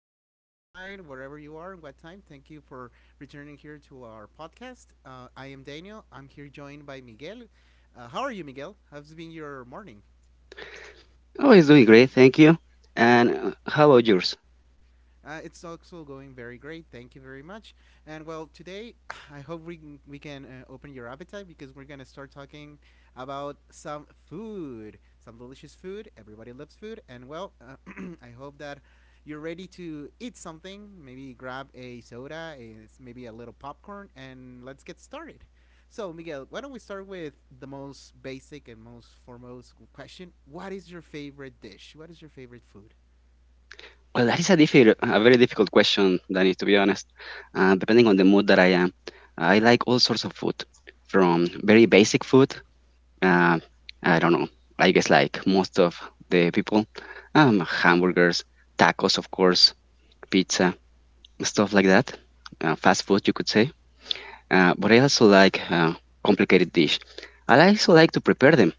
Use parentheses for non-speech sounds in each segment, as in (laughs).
afternoon, good night, wherever you are, what time. Thank you for returning here to our podcast. I am Daniel. I'm here joined by Miguel. How are you, Miguel? How's been your morning? Oh, it's doing great, thank you. And how about yours? It's also going very great. Thank you very much. And well, today (sighs) I hope we can open your appetite because we're gonna start talking about some food, some delicious food. Everybody loves food, and well, (clears throat) I hope that you're ready to eat something. Maybe grab a soda, a, maybe a little popcorn, and let's get started. So, Miguel, why don't we start with the most basic and most foremost question? What is your favorite dish? What is your favorite food? Well, that is a very difficult question, Danny, to be honest. Depending on the mood that I am, I like all sorts of food, from very basic food. Uh, I don't know. I guess like most of the people, hamburgers, tacos, of course, pizza, stuff like that. Fast food, you could say. But I also like complicated dish. I also like to prepare them.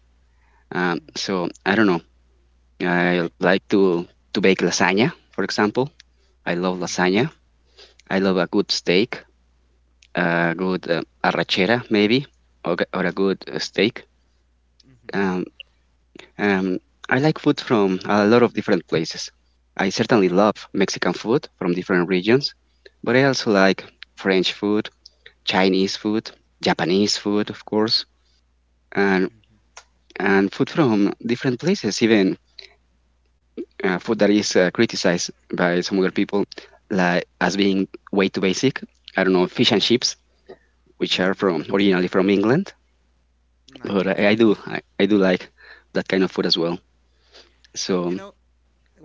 Um, Mm. so I don't know. I Okay. like to bake lasagna, for example. I love Mm. lasagna. I love a good steak, a Mm-hmm. good arrachera maybe, or, or a good steak. Mm-hmm. Um, um, I like food from a lot of different places. I certainly Okay. love Mexican food from different regions, but I also like French food, Chinese food, Japanese food, of course, and Mm-hmm. and food from different places, even food that is criticized by some other people like as being way too basic. I don't know, fish and chips, which Mm-hmm. are from originally from England, Mm, I but think I, so. I do Yes. I, I do like that kind of food as well. So You know,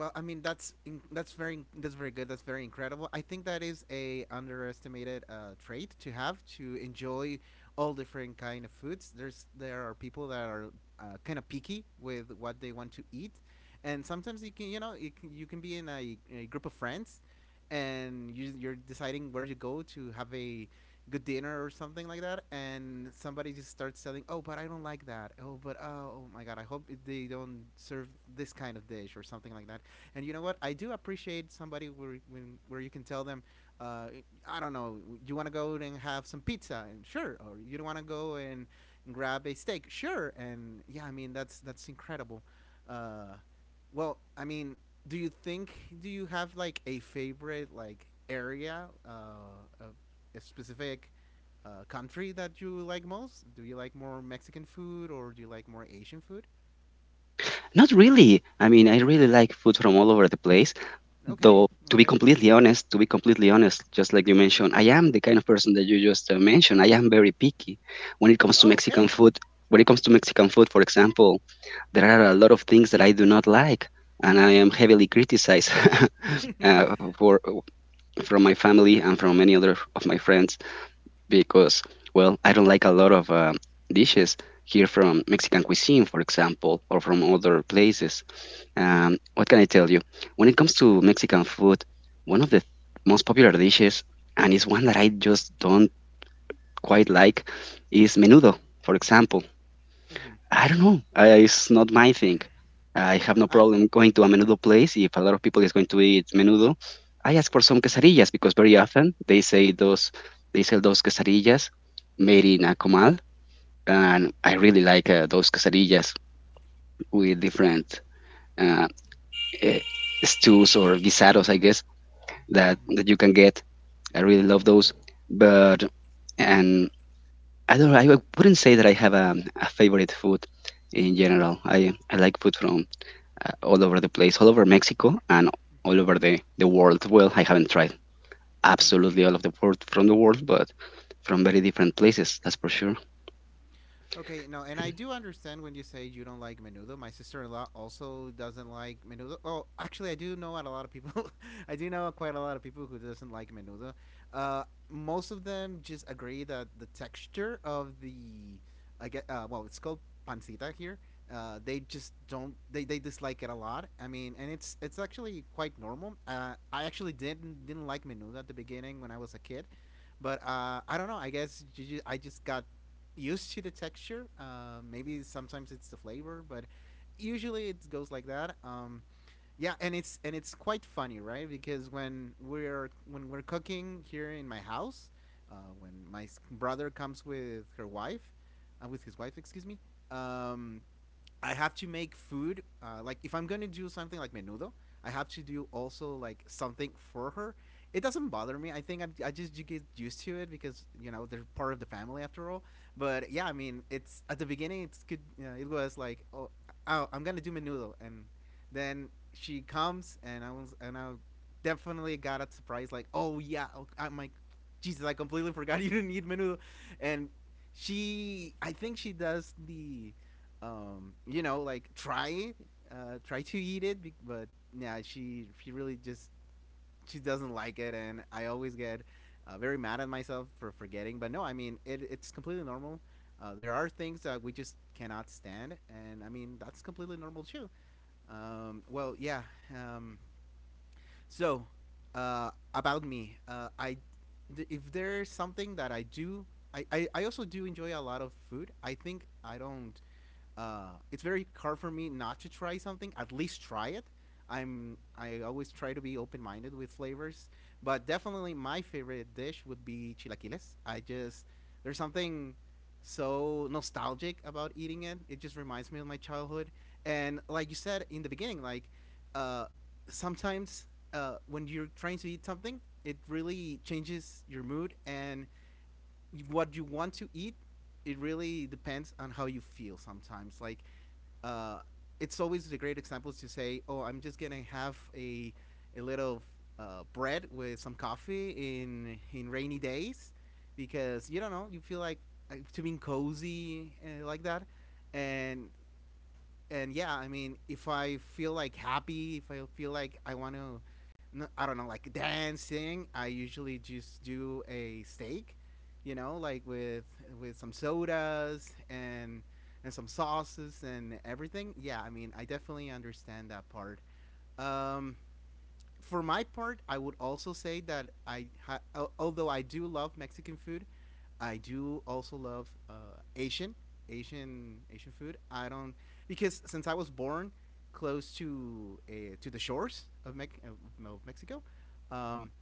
Well, I mean that's very good. That's very incredible. I think that is a underestimated trait to have, to enjoy all different kind of foods. There are people that are kind of picky with what they want to eat, and sometimes you can you know you can be in a group of friends, and you're deciding where to go to have a good dinner or something like that, and somebody just starts telling, "Oh, but I don't like that. Oh, oh my god, I hope they don't serve this kind of dish or something like that." And you know what? I do appreciate somebody where you can tell them, uh, I don't know, you want to go and have some pizza, and sure, or you don't want to go and grab a steak, sure, and yeah, I mean that's incredible. Uh, well, I mean, do you think do you have like a favorite like area of a specific country that you like most? Do you like more Mexican food or do you like more Asian food? not really. I mean, I really like food from all over the place. Though Okay, to be okay. completely honest, to be completely honest, just like you mentioned, I am the kind of person that you just mentioned. I am very picky when it comes to Oh, Mexican okay. food. When it comes to Mexican food, for example, there are a lot of things that I do not like, and I am heavily criticized (laughs) for from my family and from many other of my friends because, well, I don't like a lot of dishes here from Mexican cuisine, for example, or from other places. Mm-hmm. What can I tell you? When it comes to Mexican food, one of the most popular dishes, and it's one that I just don't quite like, is menudo, for example. Mm-hmm. I don't know. It's not my thing. I have no No, I. problem going to a menudo place if a lot of people is going to eat menudo. I ask for some quesadillas because very often they say those they sell those quesadillas made in a comal, and I really like those quesadillas with different uh, eh, stews or guisados, I guess that you can get. I really love those, but and I don't. I wouldn't say that I have a favorite food in general. I like food from all over the place, all over Mexico and all over the world. Well, I haven't tried Mhm. absolutely all of the food from the world, but from very different places, that's for sure. Okay, no, and I do understand when you say you don't like menudo. My sister-in-law also doesn't like menudo. Oh, actually, I do know a lot of people. (laughs) I do know quite a lot of people who doesn't like menudo. Uh, Most of them just agree that the texture of the, I get, well, it's called pancita here. They just don't. They dislike it a lot. I mean, and it's actually quite normal. I actually didn't like menudo at the beginning when I was a kid, but I don't know. I just got used to the texture. Maybe sometimes it's the flavor, but usually it goes like that. Yeah, and it's quite funny, right? Because when we're cooking here in my house, brother comes with her wife, with his wife, excuse me, um, I have to make food. Like if I'm gonna do something like menudo, I have to do also like something for her. It doesn't bother me. I just, you get used to it because you know they're part of the family after all. But yeah, I mean, it's at the beginning. It's good. You know, it was like oh, oh, I'm gonna do menudo, and then she comes and I definitely got a surprise. Like oh yeah, oh, I'm like Jesus, I completely forgot (laughs) you didn't eat menudo, and she I think she does the like try it, try to eat it, but yeah, she really just, she doesn't like it, and I always get very mad at myself for forgetting. But no, I mean it's completely normal. There are things that we just cannot stand, and I mean that's completely normal too. Well, yeah. Um, so about me, if there's something that I do, I also do enjoy a lot of food. I think I don't, it's very hard for me not to try something. At least try it. I always try to be open minded with flavors, but definitely my favorite dish would be chilaquiles. I just, there's something so nostalgic about eating it. It just reminds me of my childhood. And like you said in the beginning, like uh, sometimes when you're trying to eat something, it really changes your mood and what you want to eat. It really depends on how you feel sometimes. Like uh, it's always a great example to say, "Oh, I'm just gonna have a little bread with some coffee in rainy days," because you don't know, you feel like to being cozy like that, and and yeah, I mean, if I feel like happy, if I feel like I want to, I don't know, like dancing, I usually just do a steak, you know, like with some sodas and some sauces and everything. Yeah, I mean, I definitely understand that part. Um, for my part, I would also say that although I do love Mexican food, I do also love Asian food. I don't, because since I was born close to the shores of, of Mexico, um,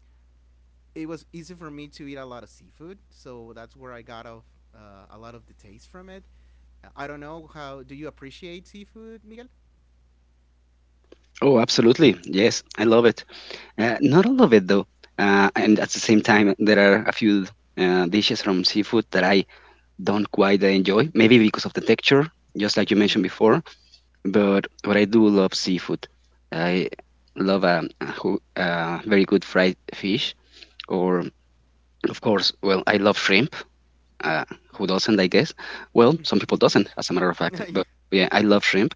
it was easy for me to eat a lot of seafood. So that's where I got of a lot of the taste from it. I don't know how. Do you appreciate seafood, Miguel? Oh, absolutely. Yes, I love it. Not all of it, though. And at the same time, there are a few dishes from seafood that I don't quite enjoy, maybe because of the texture, just like you Mm-hmm. mentioned before. But what I do love seafood. I love a very good fried fish, or, of course, well, I love shrimp. uh, who doesn't, I guess. Well, some people doesn't, as a matter of fact. But yeah, I (laughs) Yes. love shrimp,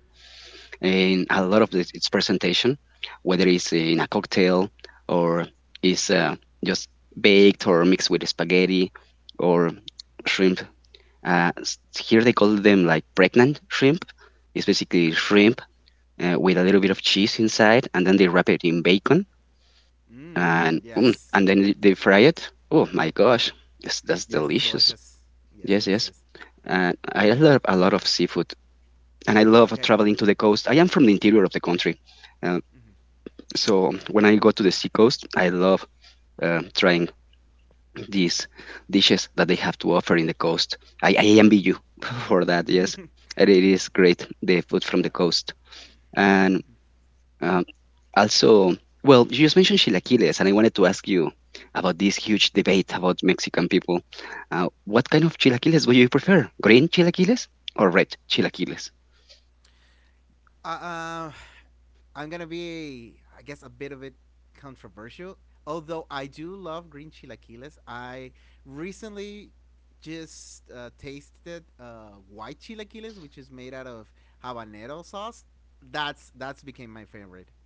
and a lot of this, its presentation, whether it's in a cocktail or is just baked or mixed with spaghetti or shrimp. Here they call them like pregnant shrimp. It's basically shrimp with a little bit of cheese inside, and then they wrap it in bacon, Mm, and yes. and then they fry it. Oh my gosh, yes, that's Yes, it's delicious. delicious. Yes, Yes, yes, yes. yes. And I love a lot of seafood. And I love Okay. traveling to the coast. I am from the interior of the country, uh, so when I go to the sea coast, I love trying these dishes that they have to offer in the coast. I envy you (laughs) for that. Yes, Mhm. and it is great the food from the coast, and um, also, well, you just mentioned chilaquiles, and I wanted to ask you about this huge debate about Mexican people. What kind of chilaquiles do you prefer? Green chilaquiles or red chilaquiles? (laughs) uh, uh, I'm gonna be, I guess, a bit of it controversial. Although I do love green chilaquiles, I recently just tasted white chilaquiles, which is made out of habanero sauce. That's became my favorite.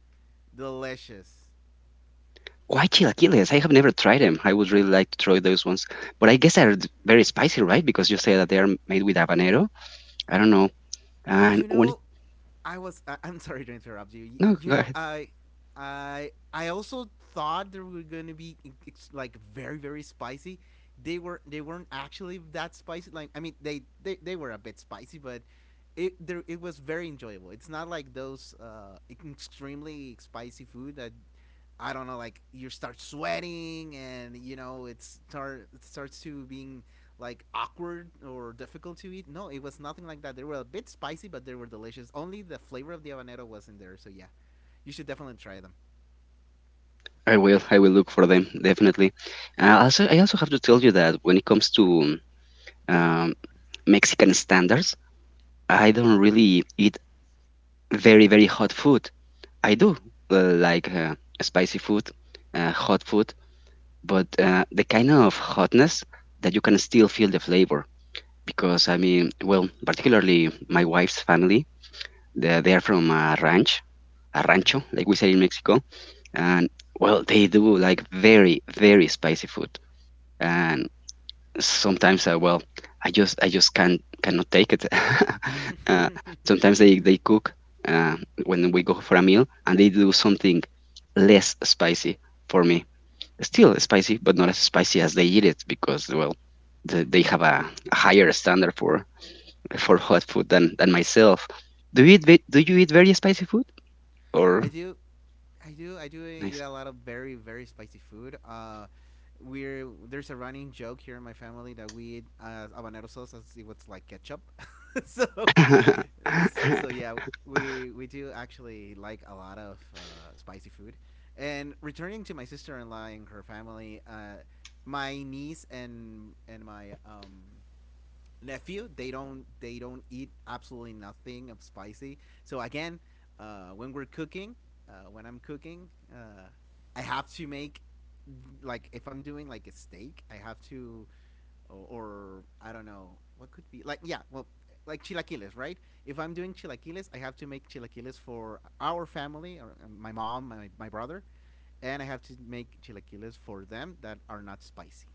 Delicious. Why chilaquiles? I have never tried them. I would really like to try those ones. But I guess they're very spicy, right? Because you say that they are made with habanero. I don't know. And You when it, know, I was. I'm sorry to interrupt you. no, go You ahead. know, I also thought they were gonna be like very, very spicy. They were. They weren't actually that spicy. Like, I mean, they were a bit spicy, but it was very enjoyable. It's not like those extremely spicy food that, I don't know, like you start sweating and you know it starts to being like awkward or difficult to eat. No, it was nothing like that. They were a bit spicy, but they were delicious. Only the flavor of the habanero was not there. So yeah, you should definitely try them. I will. I will look for them definitely. Also, I also have to tell you that when it comes to um, Mexican standards, I don't really eat very very hot food. I do like spicy food, hot food, but the kind of hotness that you can still feel the flavor. Because I mean, well, particularly my wife's family, they are from a ranch, a rancho, like we say in Mexico, and well, they do like very, very spicy food, and sometimes, well, I just can't, cannot take it. (laughs) uh, Hmm. Sometimes they cook uh, when we go for a meal, and they do something less spicy for me. Still (laughs) spicy, but not as spicy as they eat it because, well, they have a higher standard for (laughs) hot food than myself. Do you eat do you eat very spicy food or I do I do. I do nice? eat a lot of very, very spicy food. We're there's a running joke here in my family that we eat habanero sauce as if it's like ketchup. (laughs) so, so (laughs) yeah, we do actually like a lot of spicy food. And returning to my sister-in-law and her family, my niece and my nephew, they don't eat absolutely nothing of spicy, so again uh, when we're cooking when I'm cooking, I have to make, like if I'm doing like a steak, I have to, or I don't know what could be like, yeah, well, like chilaquiles, right? If I'm doing chilaquiles I have to make chilaquiles for our family or my mom, my brother, and I have to make chilaquiles for them that are not spicy.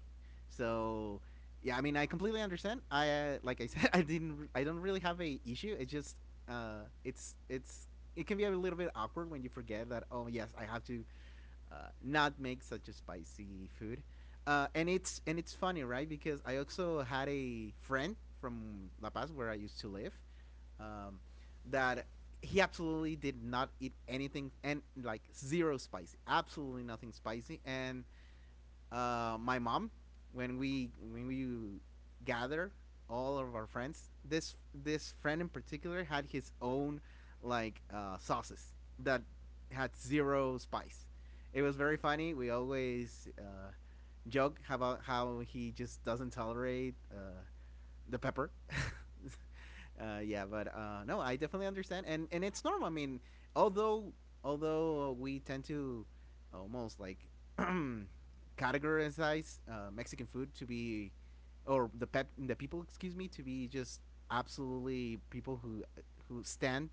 So, yeah, I mean, I completely understand. I like I said, (laughs) I don't really have a issue. It's just, it's, it can be a little bit awkward when you forget that. Oh yes, I have to uh, not make such a spicy food. And it's funny, right? Because I also had a friend from La Paz where I used to live, um, that he absolutely did not eat anything and like zero spicy, absolutely nothing spicy. And my mom, when we gather all of our friends, this friend in particular had his own like sauces that had zero spice. It was very funny. We always joke about how he just doesn't tolerate the pepper. (laughs) Uh, yeah, but no, I definitely understand, and it's normal. I mean, although although we tend to almost like (clears throat) categorize Mexican food to be, or the people, excuse me, to be just absolutely people who stand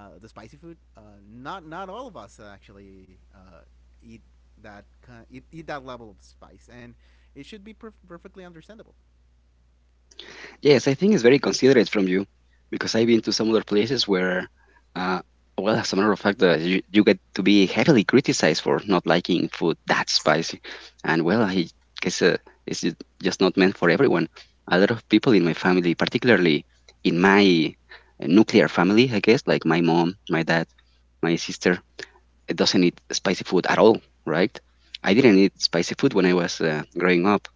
the spicy food. Not not all of us actually eat eat that level of spice, and it should be perfectly understandable. Yes, I think it's very considerate from you because I've been to some other places where, uh, well, as a matter of fact, you get to be heavily criticized for not liking food that spicy. And well, I Mm-hmm. guess it's ju- just not meant for everyone. A lot of people in my family, particularly in my nuclear family, I guess, like my mom, my dad, my sister, it doesn't eat spicy food at all, right? I didn't eat spicy food when I was growing up.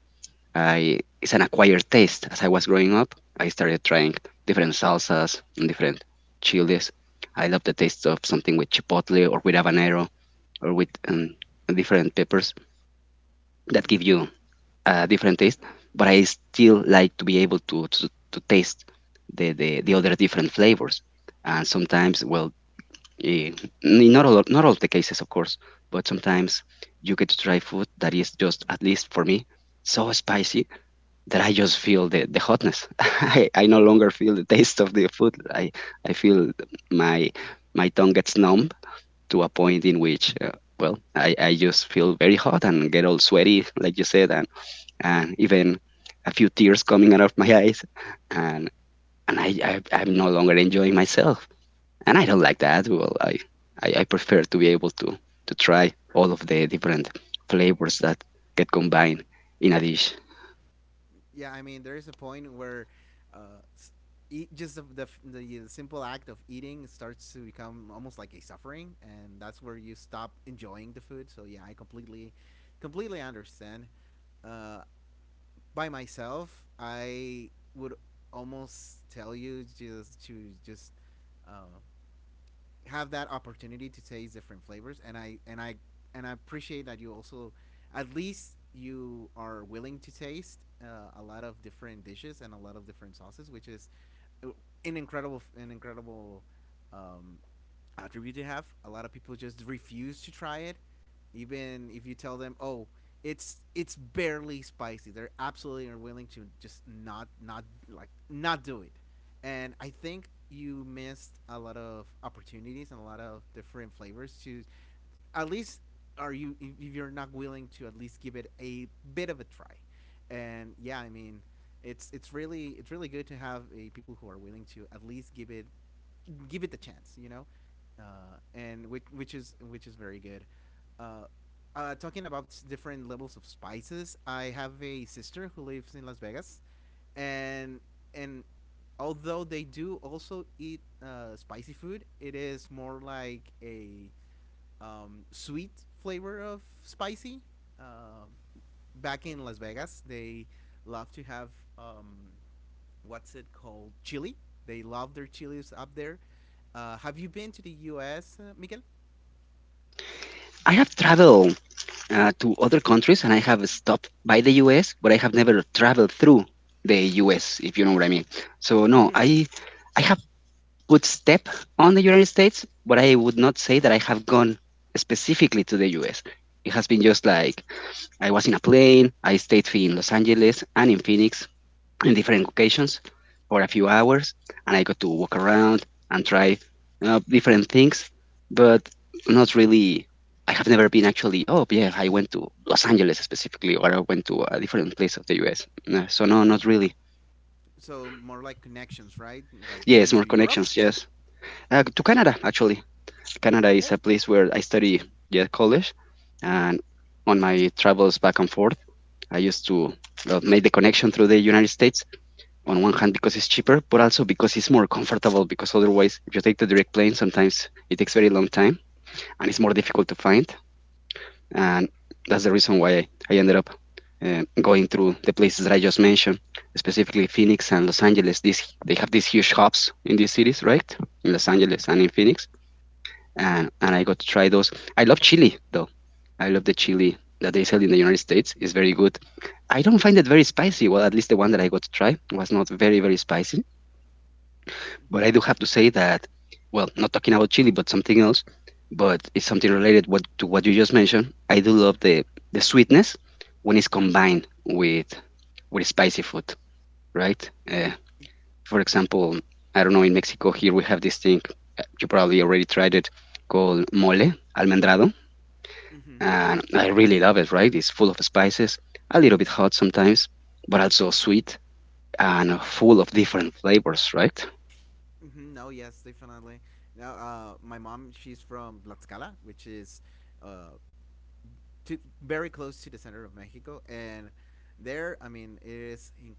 I it's an acquired taste. As I was growing up, I started trying different salsas and different chilies. I love the taste of something with chipotle or with habanero or with different peppers that give Mm-hmm. you a different taste. But I still like to be able to taste the other different flavors. And sometimes, well, Eh, not all the cases, of course, but sometimes you get to try food that is just, at least for me, so spicy that I just feel the hotness. (laughs) I no longer feel the taste of the food. I feel my my tongue gets numb to a point in which, well, I just feel very hot and get all sweaty, like you said, and even a few tears coming out of my (laughs) eyes, and and I I'm no longer enjoying myself and I don't like that. I prefer to be able to try all of the different flavors that get combined in a dish. Yeah, I mean, there is a point where uh, s- eat, just the simple act of eating starts to become almost like a suffering, and that's where you stop enjoying the food. So yeah, I completely understand. Uh, by myself, I would almost tell you just to just uh, have that opportunity to taste different flavors, and I appreciate that you also at least you are willing to taste a lot of different dishes and a lot of different sauces, which is uh, an incredible um, attribute to have. A lot of people just refuse to try it, even if you tell them, "Oh, it's barely spicy." They're absolutely unwilling to just not like not do it. And I think you missed a lot of opportunities and a lot of different flavors to at least are you if you're not willing to at least give it a bit of a try. And yeah, I mean, it's really it's really good to have a, people who are willing to at least give it the chance, and which is which is very good. Uh, Talking about s- different levels of spices, I have a sister who lives in Las Vegas, and and although they do also eat spicy food, it is more like a sweet flavor of spicy. Uh, Back in Las Vegas, they love to have um, what's it called, chili. They love their chilies up there. Have you been to the U.S., Miguel? I have traveled to other countries and I have stopped by the US, but I have never traveled through the US, if you know what I mean. So Mm-hmm. no, I have put step on the United States, but I would not say that I have gone specifically to the US. It has been just like I was in a plane, I stayed in Los Angeles and in Phoenix, in different occasions for a few hours, and I got to walk around and try different things, but not really. I have never been actually. Oh yeah, I went to Los Angeles specifically, or I went to a different place of the U.S. No, so no, not really. So more like connections, right? Like going Yes, to more Europe. connections. Yes, to Canada actually. Canada is a Okay. place where I study yeah college, and on my travels back and forth, I used to make the connection through the United States on one hand because it's cheaper, but also because it's more comfortable. Because otherwise, if you take the direct plane, sometimes it takes very long time and it's more difficult to find. And that's the reason why I ended up going through the places that I just mentioned, specifically Phoenix and Los Angeles. These they have these huge hubs in these cities, right? In Los Mm-hmm. Angeles and in Phoenix, and I got to try those. I love chili though. I love the Mm-hmm. chili that they sell in the United States. It's very good. I don't find it very spicy. Well, at least the one that I got to try was not very very spicy. But I do have to say that, well, not talking about chili, but something else, but it's something related what, to what you just mentioned. I do love the sweetness when it's combined with spicy food, right? For example, I don't know, in Mexico here we have this thing, you probably already tried it, called mole almendrado. Mm-hmm. And I really love it, right? It's full of spices, a little bit hot sometimes, but also sweet and full of different flavors, right? Mm-hmm. No, yes, definitely. Now, my mom, she's from Tlaxcala, which is uh, to very close to the center of Mexico, and there, I mean,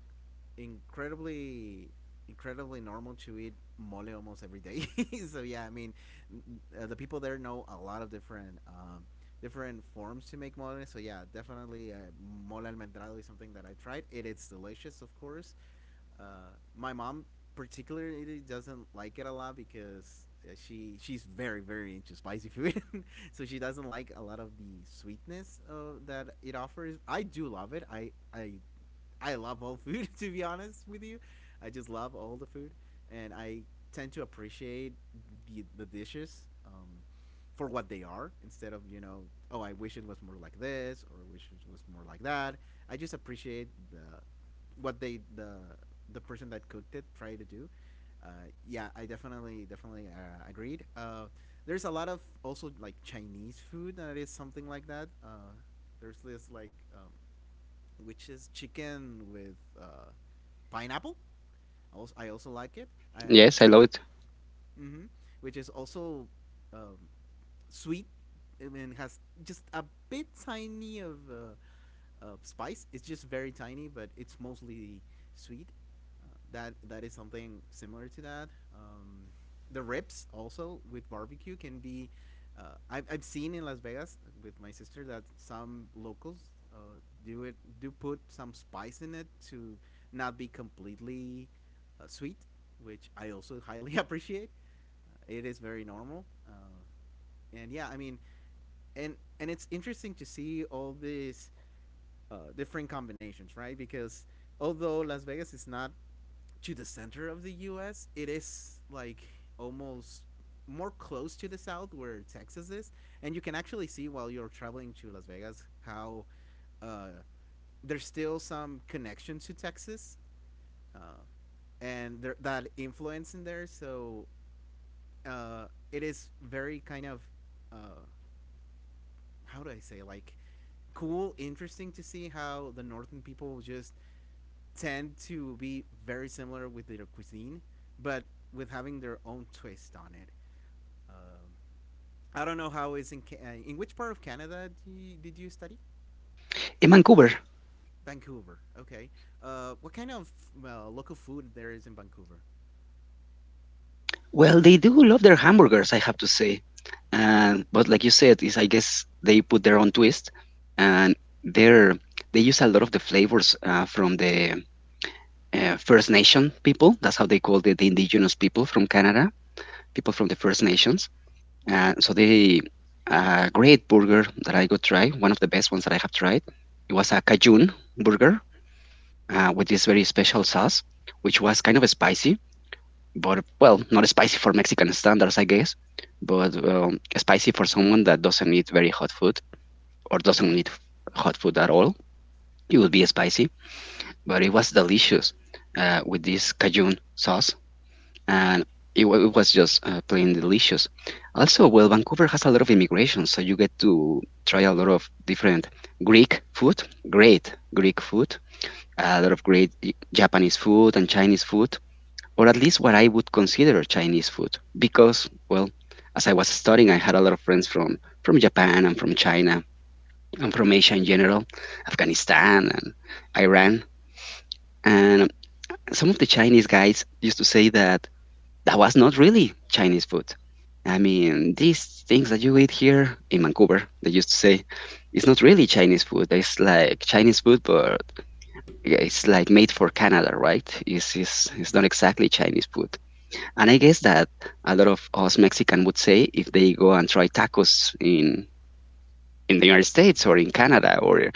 incredibly, incredibly normal to eat mole almost every day. (laughs) So yeah, I mean, the people there know a lot of different, different forms to make mole. So yeah, definitely, mole almendrado is something that I tried. It is delicious, of course. My mom particularly doesn't like it a lot because she's very into spicy food, (laughs) so she doesn't like a lot of the sweetness that it offers. I do love it. I I love all food (laughs) to be honest with you. I just love all the food, and I tend to appreciate the dishes. For what they are, instead of, you know, oh, I wish it was more like this, or I wish it was more like that. I just appreciate the what they the person that cooked it tried to do. Yeah, I definitely agreed. There's a lot of also like Chinese food that is something like that. There's this like, which is chicken with, pineapple. Also, I also like it. Uh, Yes, I love it. hmm. Which is also, um, sweet, and has just a bit tiny of, of spice. It's just very tiny, but it's mostly sweet. That that is something similar to that. Um, the ribs also with barbecue can be. I've seen in Las Vegas with my sister that some locals, do it, do put some spice in it to not be completely, sweet, which I also highly (laughs) appreciate. It is very normal. And yeah, I mean, and it's interesting to see all these different combinations, right? Because although Las Vegas is not to the center of the U.S., it is like almost more close to the south where Texas is, and you can actually see while you're traveling to Las Vegas how, uh, there's still some connection to Texas, uh, and there, that influence in there. So, uh, it is very kind of, uh, how do I say, like cool, interesting to see how the northern people just tend to be very similar with their cuisine, but with having their own twist on it. Um, I don't know how is in in which part of Canada do you, did you study? In Vancouver, Vancouver. Okay. What kind of local food there is in Vancouver? well, they do love their hamburgers, I have to say. And but like you said, is I guess they put their own twist, and they're they use a lot of the flavors from the First Nation people. That's how they call the indigenous people from Canada, people from the First Nations. And so they a great burger that I go try, one of the best ones that I have tried. It was a Cajun burger with this very special sauce, which was kind of spicy but well, not spicy for Mexican standards, I guess, but spicy for someone that doesn't eat very hot food or doesn't eat hot food at all. It would be spicy, but it was delicious with this cajun sauce, and it was just plain delicious. Also, well, Vancouver has a lot of immigration, so you get to try a lot of different Greek food, great Greek food, a lot of great Japanese food and Chinese food, or at least what I would consider Chinese food. Because, well, as I was studying, I had a lot of from Japan and from China and from Asia in general, Afghanistan and Iran. And some of the Chinese guys used to say that that was not really Chinese food. I mean, these things that you eat here in Vancouver, they used to say, it's not really Chinese food. It's like Chinese food, but yeah, it's like made for Canada, right? It's Mm-hmm. not exactly Chinese food. And I guess that a lot of us Mexican would say if they go and try tacos in the United States or in Canada or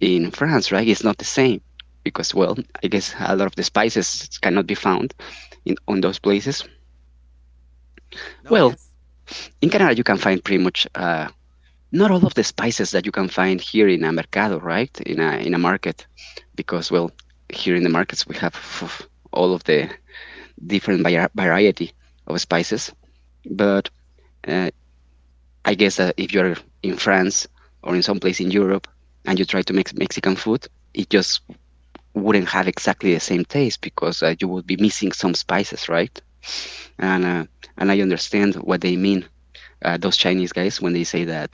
in France, right? It's not the same because, well, I guess a lot of the spices cannot be found in on those places. (laughs) No. Well, Yes. in Canada you can find pretty much not all of the spices that you can find here in a mercado, right? In a market, because well, here in the markets we have all of the different variety of spices, but uh, I guess that if you're in France or in some place in Europe and you try to make Mexican food, it just wouldn't have exactly the same taste because you would be missing some spices, right? And uh, and I Mhm. understand what they mean, those Chinese guys, when they say that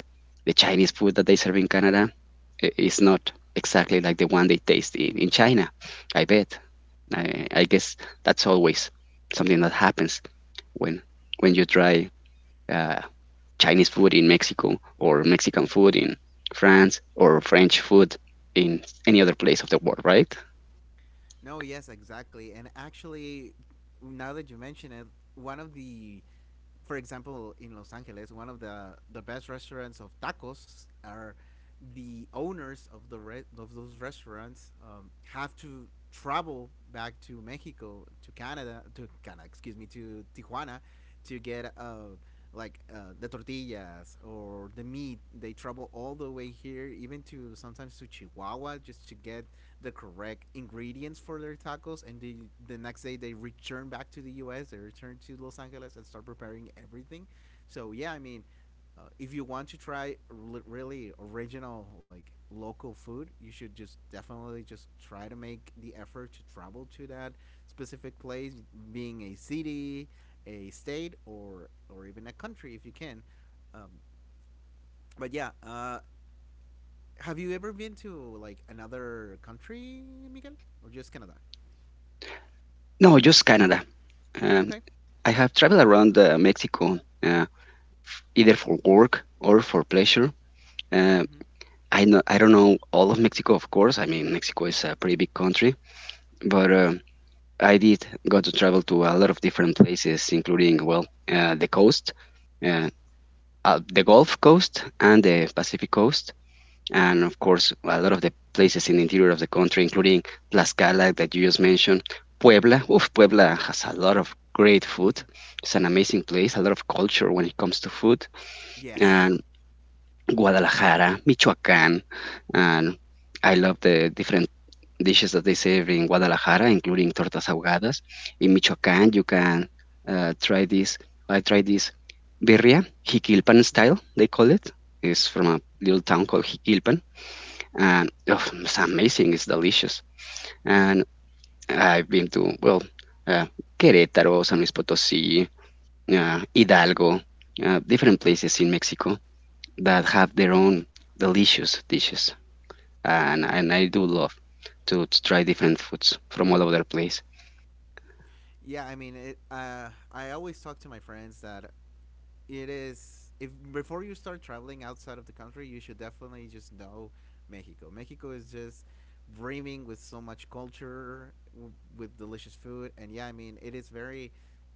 the Chinese food that they serve in Canada is not exactly like the one they taste in China. I bet. I guess that's always something that happens when when you try uh, Chinese food in Mexico, or Mexican food in France, or French food in any other place of the world, right? No, yes, exactly. And actually, now that you mention it, one of the, for example, in Los Angeles, one of the best restaurants of tacos are the owners of of those restaurants, have to travel back to Mexico, to Canada, excuse me, to Tijuana to get, the tortillas or the meat. They travel all the way here, even to sometimes to Chihuahua, just to get the correct ingredients for their tacos. And the next day they return back to the U.S. They return to Los Angeles and start preparing everything. So yeah, I mean, if you want to try r- really original like local food, you should just definitely just try to make the effort to travel to that specific place, being a city, a state, or even a country if you can. Um, but yeah, have you ever been to like another country, Miguel, or just Canada? No, just Canada. Um, Okay. I have traveled around Mexico uh, either for work or for pleasure. Uh, Mm-hmm. I know I don't know all of Mexico, of course. I mean, Mexico is a pretty big country, but I did got to travel to a lot of different places, including well, the coast, uh, the Gulf Coast, and the Pacific Coast, and of course a lot of the places in the interior of the country, including Tlaxcala that you just mentioned, Puebla. Oof, Puebla has a lot of great Mm. (laughs) food. It's an amazing place, a lot of culture when it comes to food, Yes. and Guadalajara, Michoacán, and I love the different dishes that they serve in Guadalajara, including tortas ahogadas. In Michoacán, you can try this. I tried this birria, Jiquilpan style, they call it. It's from a little town called Jiquilpan and oh, it's amazing. It's delicious. And I've been to well, uh, Querétaro, San Luis Potosí, Hidalgo, different places in Mexico that have their own delicious dishes, and I do love to try different foods from all over the place. Yeah, I mean, it, I always talk to my friends that it is if before you start traveling outside of the country, you should definitely just know Mexico. Mexico is just brimming with so much culture, with delicious food, and yeah, I mean, it is very.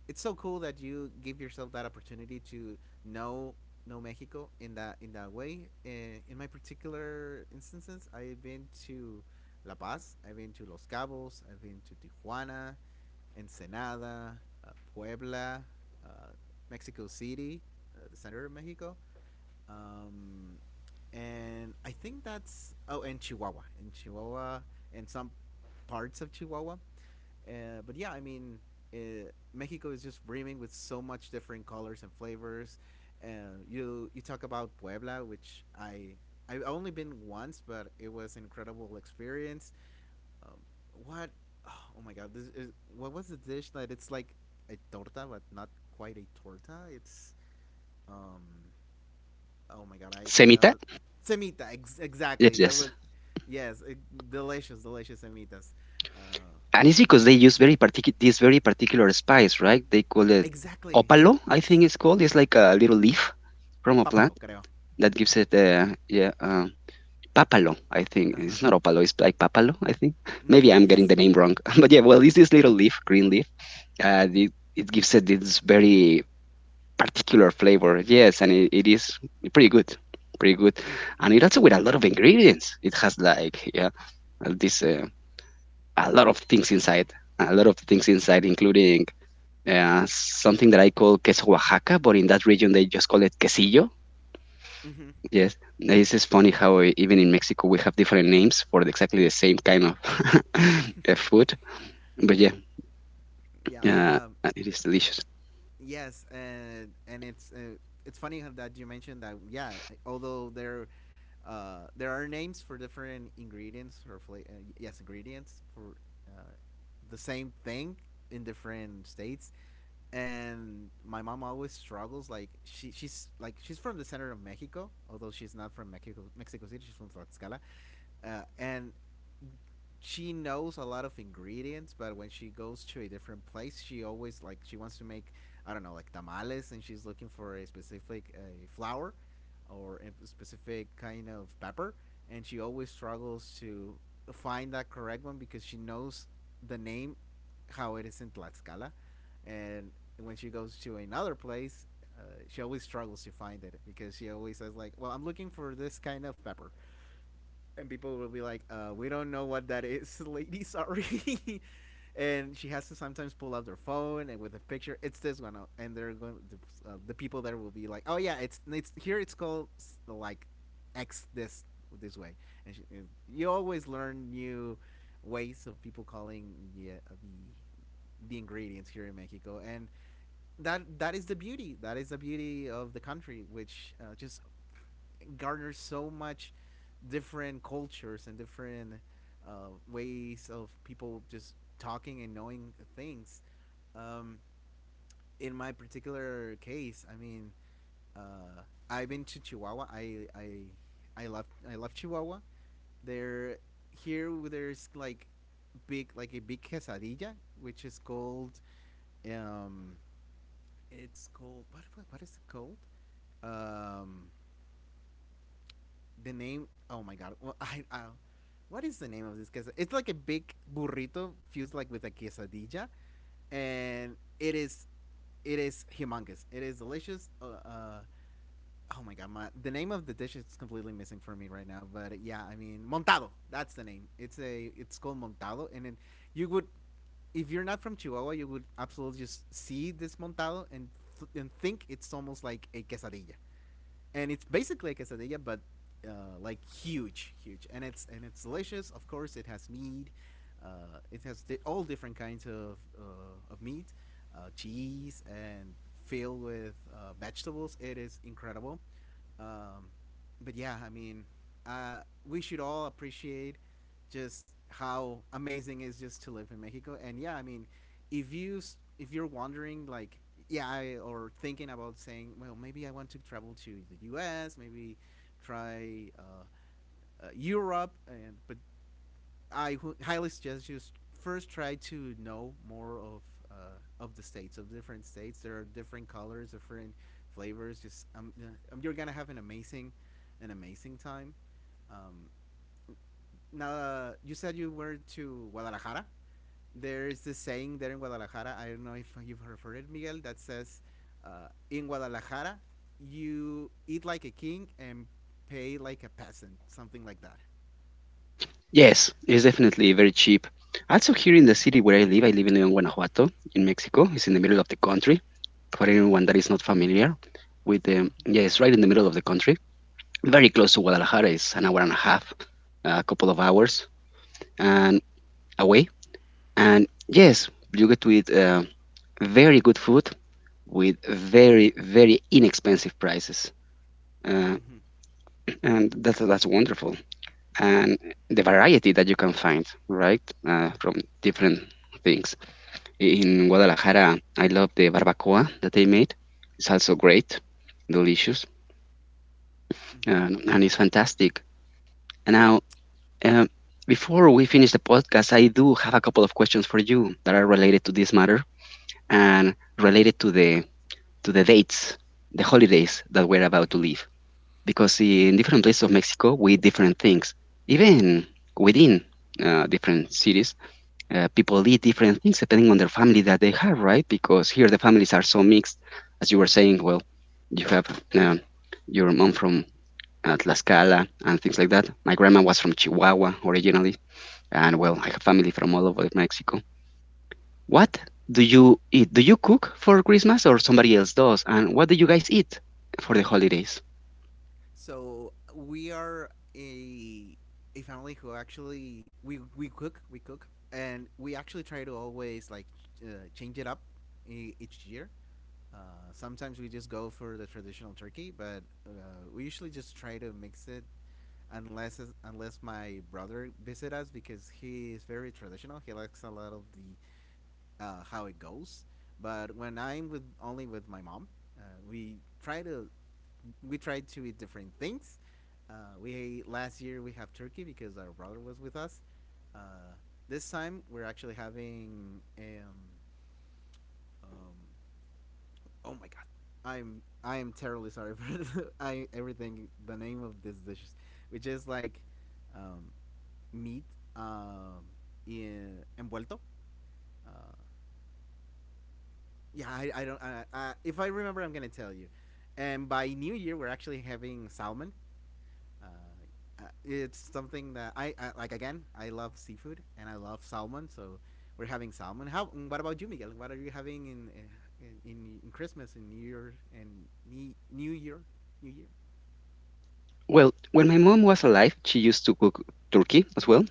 It's so cool that you give yourself that opportunity to know know Mexico in that way. In my particular instances, I've been to La Paz, I've been to Los Cabos, I've been to Tijuana, Ensenada, Puebla, uh, Mexico City, the center of Mexico. Um, and I think that's, oh, and Chihuahua, in Chihuahua, and some parts of Chihuahua. But yeah, I mean, Mexico is just brimming with so much different colors and flavors. Uh, you talk about Puebla, which I've only been once, but it was an incredible experience, um, what? Oh my god, this is, what was the dish that it's like a torta but not quite a torta? It's, um, oh my god, I Semita? Semita Yes, exactly. There yes. was, yes, e- delicious, delicious semitas. Uh, And it's because they use very particular this very particular spice, right? They call it exactly. opalo, I Yes, think it's called. It's like a little leaf from a papalo plant creo. that gives it Papalo, I think. Uh It's not Opalo, it's like Papalo, I think. huh. Maybe (laughs) I'm getting Yes. the name wrong. (laughs) But yeah, well, it's this little leaf, green leaf. It gives it this very particular flavor. Yes, and it is pretty good. Pretty good. Mm. And it also with a lot of ingredients. It has like, yeah, uh, this, uh, a lot of things inside. A lot of things inside, including something that I call queso Oaxaca, but in that region they just call it quesillo. Mm-hmm. Yes, this is funny how even in Mexico we have different names for exactly the same kind of (laughs) food. But yeah, (laughs) uh, Yeah. It is delicious. Yes, and it's, it's funny how that you mentioned that. Yeah, although there, there are names for different ingredients or yes ingredients for, uh, the same thing in different states. And my mom always struggles, like she's like she's from the center of Mexico, although she's not from Mexico Mexico City, she's from Tlaxcala, and she knows a lot of ingredients, but when she goes to a different place, she always, like, she wants to make, I don't know, like tamales, and she's looking for a specific, flour or a specific kind of pepper, and she always struggles to find that correct one because she knows the name how it is in Tlaxcala. And when she goes to another place, uh, she always struggles to find it because she always says, like, well, I'm looking for this kind of pepper, and people will be like, "We don't know what that is, lady. Sorry." (laughs) And she has to sometimes pull out their phone and with a picture. It's this one, and they're going. The people there will be like, "Oh yeah, it's here. It's called s- like X this this way." And, she, and you always learn new ways of people calling the the ingredients here in Mexico, and that that is the beauty. That is the beauty of the country, which, just garners so much different cultures and different, ways of people just talking and knowing things. Um, in my particular case, I mean, uh, I've been to Chihuahua. I love Chihuahua. There here there's like big, like a big quesadilla, which is called, um, it's called what what is it called? Um, the name. Oh my god. Well, (laughs) I, what is the name of this quesadilla? It's like a big burrito fused like with a quesadilla, and it is humongous. It is delicious. Oh my god, the name of the dish is completely missing for me right now. But yeah, I mean, montado. That's the name. It's called montado, and then you would, if you're not from Chihuahua, you would absolutely just see this montado and and think it's almost like a quesadilla, and it's basically like a quesadilla, but, like huge, huge, and it's delicious. Of course, it has meat. All different kinds of, of meat, cheese, and filled with, vegetables. It is incredible. Um, but yeah, I mean, uh, we should all appreciate just how amazing it is just to live in Mexico. And yeah, I mean, if you're wondering, like, or thinking about saying, well, maybe I want to travel to the U.S., maybe try Europe, and but highly suggest you first try to know more uh, of the states. Of different states, there are different colors, different flavors. Just you're gonna have an amazing time. um, Now, you said you were to Guadalajara. There is this saying there in Guadalajara. I don't know if you've heard it, Miguel. That says, "In Guadalajara, you eat like a king and pay like a peasant," something like that. Yes, it's definitely very cheap. Also here in the city where I live in León, Guanajuato, in Mexico. It's in the middle of the country. For anyone that is not familiar with yeah, Mm-hmm. it's right in the middle of the country. Very close to Guadalajara. It's an hour and a half, a couple of hours, and away. And yes, you get to eat very good food with very, very inexpensive prices. Uh, Mm-hmm. Mm-hmm. and that's wonderful. And the variety that you can find, right, from different things. In Guadalajara, I love the barbacoa that they made. It's also great, delicious, Mm hmm. Mm hmm. And it's fantastic. And now, um, before we finish the podcast, I do have a couple of questions for you that are related to this matter and related to the dates, the holidays that we're about to leave, because in different places of Mexico we eat different things. Even within different cities, people eat different things depending on their family that they have, right? Because here the families are so mixed, as you were saying. Well, you have um, your mom from Tlaxcala and things like that. My grandma was from Chihuahua originally, and Mm hmm. well, I have family from all over Mexico. What do you eat? Do you cook for Christmas or somebody else does? And what do you guys eat for the holidays? So we are a a family who, actually, we cook and we actually try to always, like, uh, change it up each year. Uh, Sometimes we just go for the traditional turkey, but we usually just try to mix it, unless my brother visit us, because he is very traditional. He likes a lot of the how it goes. But when I'm with only with my mom, uh, we try to we try to eat different things. We last year we have turkey because our brother was with us. Uh, this time we're actually having um oh my god, I am terribly sorry (laughs) for I everything the name of this dish, which is like, um, meat, um, in envuelto. Uh, yeah, I don't. If I remember, I'm gonna tell you. And by New Year, we're actually having salmon. Uh, it's something that I like. Again, I love seafood and I love salmon, so we're having salmon. How? Mm. What about you, Miguel? What are you having in in Christmas and New Year and New Year, New Year? Well, when my mom was alive, she used to cook turkey as well,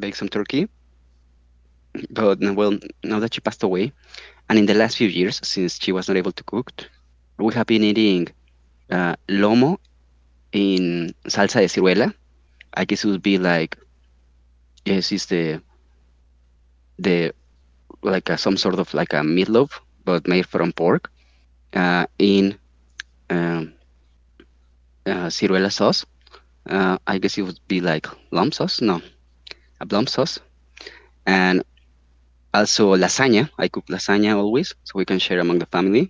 bake some turkey. But now- well, now that she passed away, and in the last few years, since she was not able to cook, we have been eating lomo in salsa de ciruela. I guess it would be like yes, it's the like some sort of like a meatloaf, but made from pork in um, ciruela sauce. I guess it would be like lump sauce, no, a lump sauce, and also, lasagna. I cook lasagna always, so we can share among the family.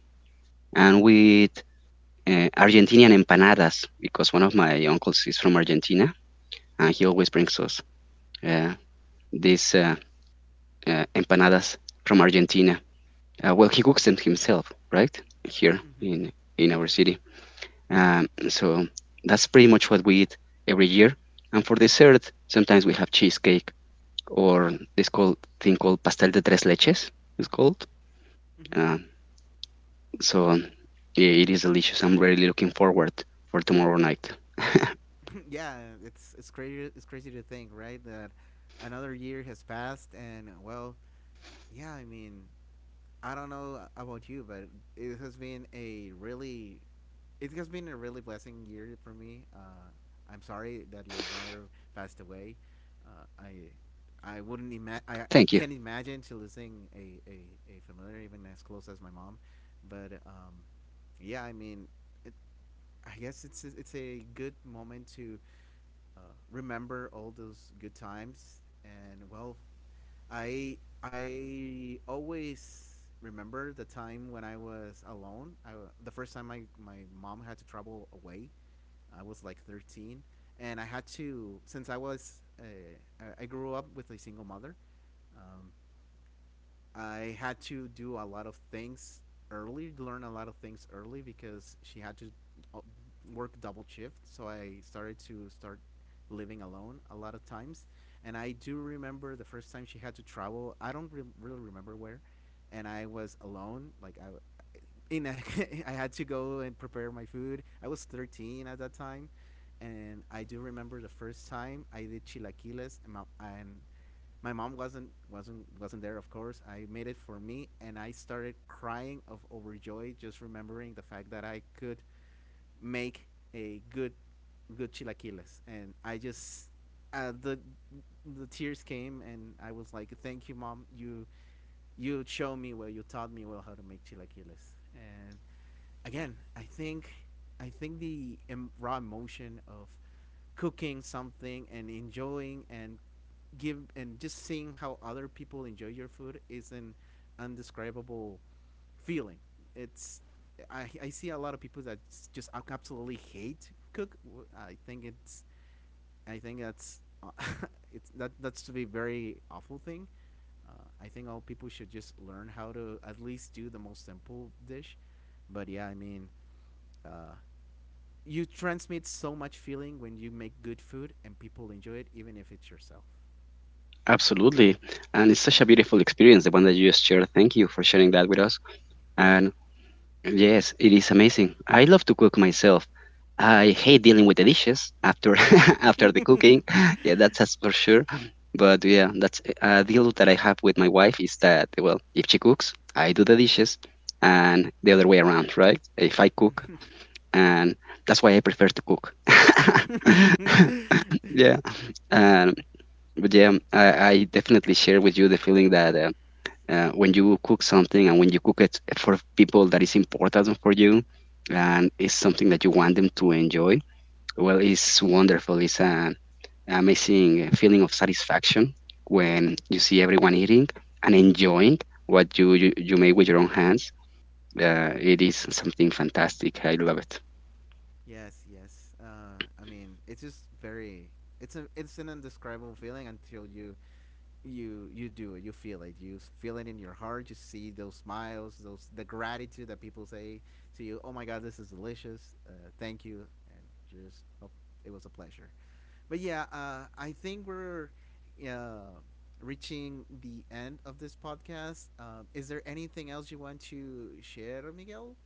And with Argentinian empanadas, because one of Mm. my uncles is from Argentina, and he always brings us uh, these empanadas from Argentina. Well, he cooks them himself, right? Here Hmm. In our city. So that's pretty much what we eat every year. And for dessert, sometimes we have cheesecake or this called pastel de tres leches. It's called. Hmm. Uh, So yeah, it is delicious. I'm really looking forward for tomorrow night. (laughs) Yeah, it's crazy. It's crazy to think, right? That another year has passed, and, well, yeah. I mean, I don't know about you, but it has been a really, it has been a really blessing year for me. I'm sorry that your mother passed away. Uh, I, I, Thank you. can't imagine to losing a familiar, even as close as my mom, but yeah, I mean, it, I guess it's it's a good moment to uh, remember all those good times. And, well, I I always remember the time when I was alone. The first time my mom had to travel away. I was like 13, and I had to, since I was, I grew up with a single mother. Um, I had to do a lot of things early, learn a lot of things early, because she had to uh, work double shift. So I started to start living alone a lot of times. And I do remember the first time she had to travel. I don't re- really remember where, and I was alone. Like in a, (laughs) I had to go and prepare my food. I was 13 at that time, and I do remember the first time I did chilaquiles, and my mom wasn't wasn't there, of course. I made it for me, and I started crying of overjoy just remembering the fact that I could make a good chilaquiles. And I just, uh, the the tears came, and I was like, "Thank you, mom. You showed me well. You taught me well how to make chilaquiles." And, again, I think the raw emotion of cooking something and enjoying and give, and just seeing how other people enjoy your food, is an undescribable feeling. It's I see a lot of people that just absolutely hate to cook. I think it's, I think that's (laughs) it's that that's to be very awful thing. I think all people should just learn how to at least do the most simple dish. But yeah, I mean, uh, you transmit so much feeling when you make good food and people enjoy it, even if it's yourself. Absolutely. And it's such a beautiful experience, the one that you just shared. Thank you for sharing that with us. And yes, it is amazing. I love to cook myself. I hate dealing with the dishes after (laughs) after the cooking. (laughs) (laughs) Yeah, that's for sure. But yeah, that's a deal that I have with my wife is that well, if she cooks, I do the dishes, and the other way around, right? If I cook, and that's why I prefer to cook. (laughs) yeah, um, but yeah, I definitely share with you the feeling that when you cook something and when you cook it for people that is important for you, and it's something that you want them to enjoy. Well, it's wonderful. It's an amazing feeling of satisfaction when you see everyone eating and enjoying what you made with your own hands. It is something fantastic. I love Yes, yes. I mean, it's just very. It's a it's an indescribable feeling until you you do it, you feel it, you feel it in your heart, you see those smiles, those, the gratitude that people say to you. Oh my god, this is delicious. Thank you. And you just, oh, it was a pleasure. But yeah, I think we're uh, reaching the end of this podcast. Is there anything else you want to share, miguel?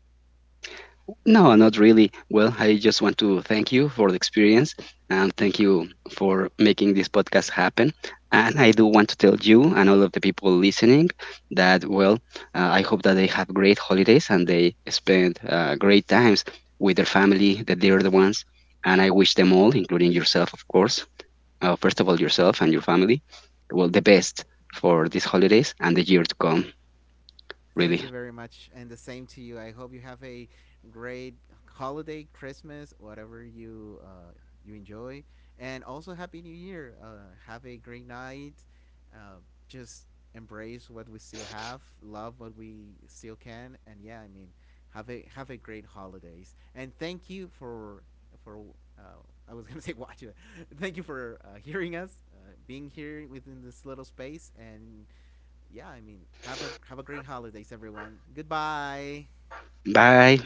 no, not really. Well, I just want to thank you for the experience and thank you for making this podcast happen. And I do want to tell you and all of the people listening that, well, I hope that they have great holidays and they spend great times with their family, the dear ones. And I wish them all, including yourself, of course, first of all, yourself and your family, well, the best for these holidays and the year to come, Thank really. you very much, and the same to you. I hope you have a great holiday, Christmas, whatever you you enjoy, and also Happy New Year. Have a great night. Uh, just embrace what we still have, love what we still can, and yeah, I mean, have a great holidays, and thank you for for. Uh, I was gonna (laughs) say watch it. Thank you for hearing us, being here within this little space, and yeah, I mean, have a great holidays, everyone. Goodbye. Bye.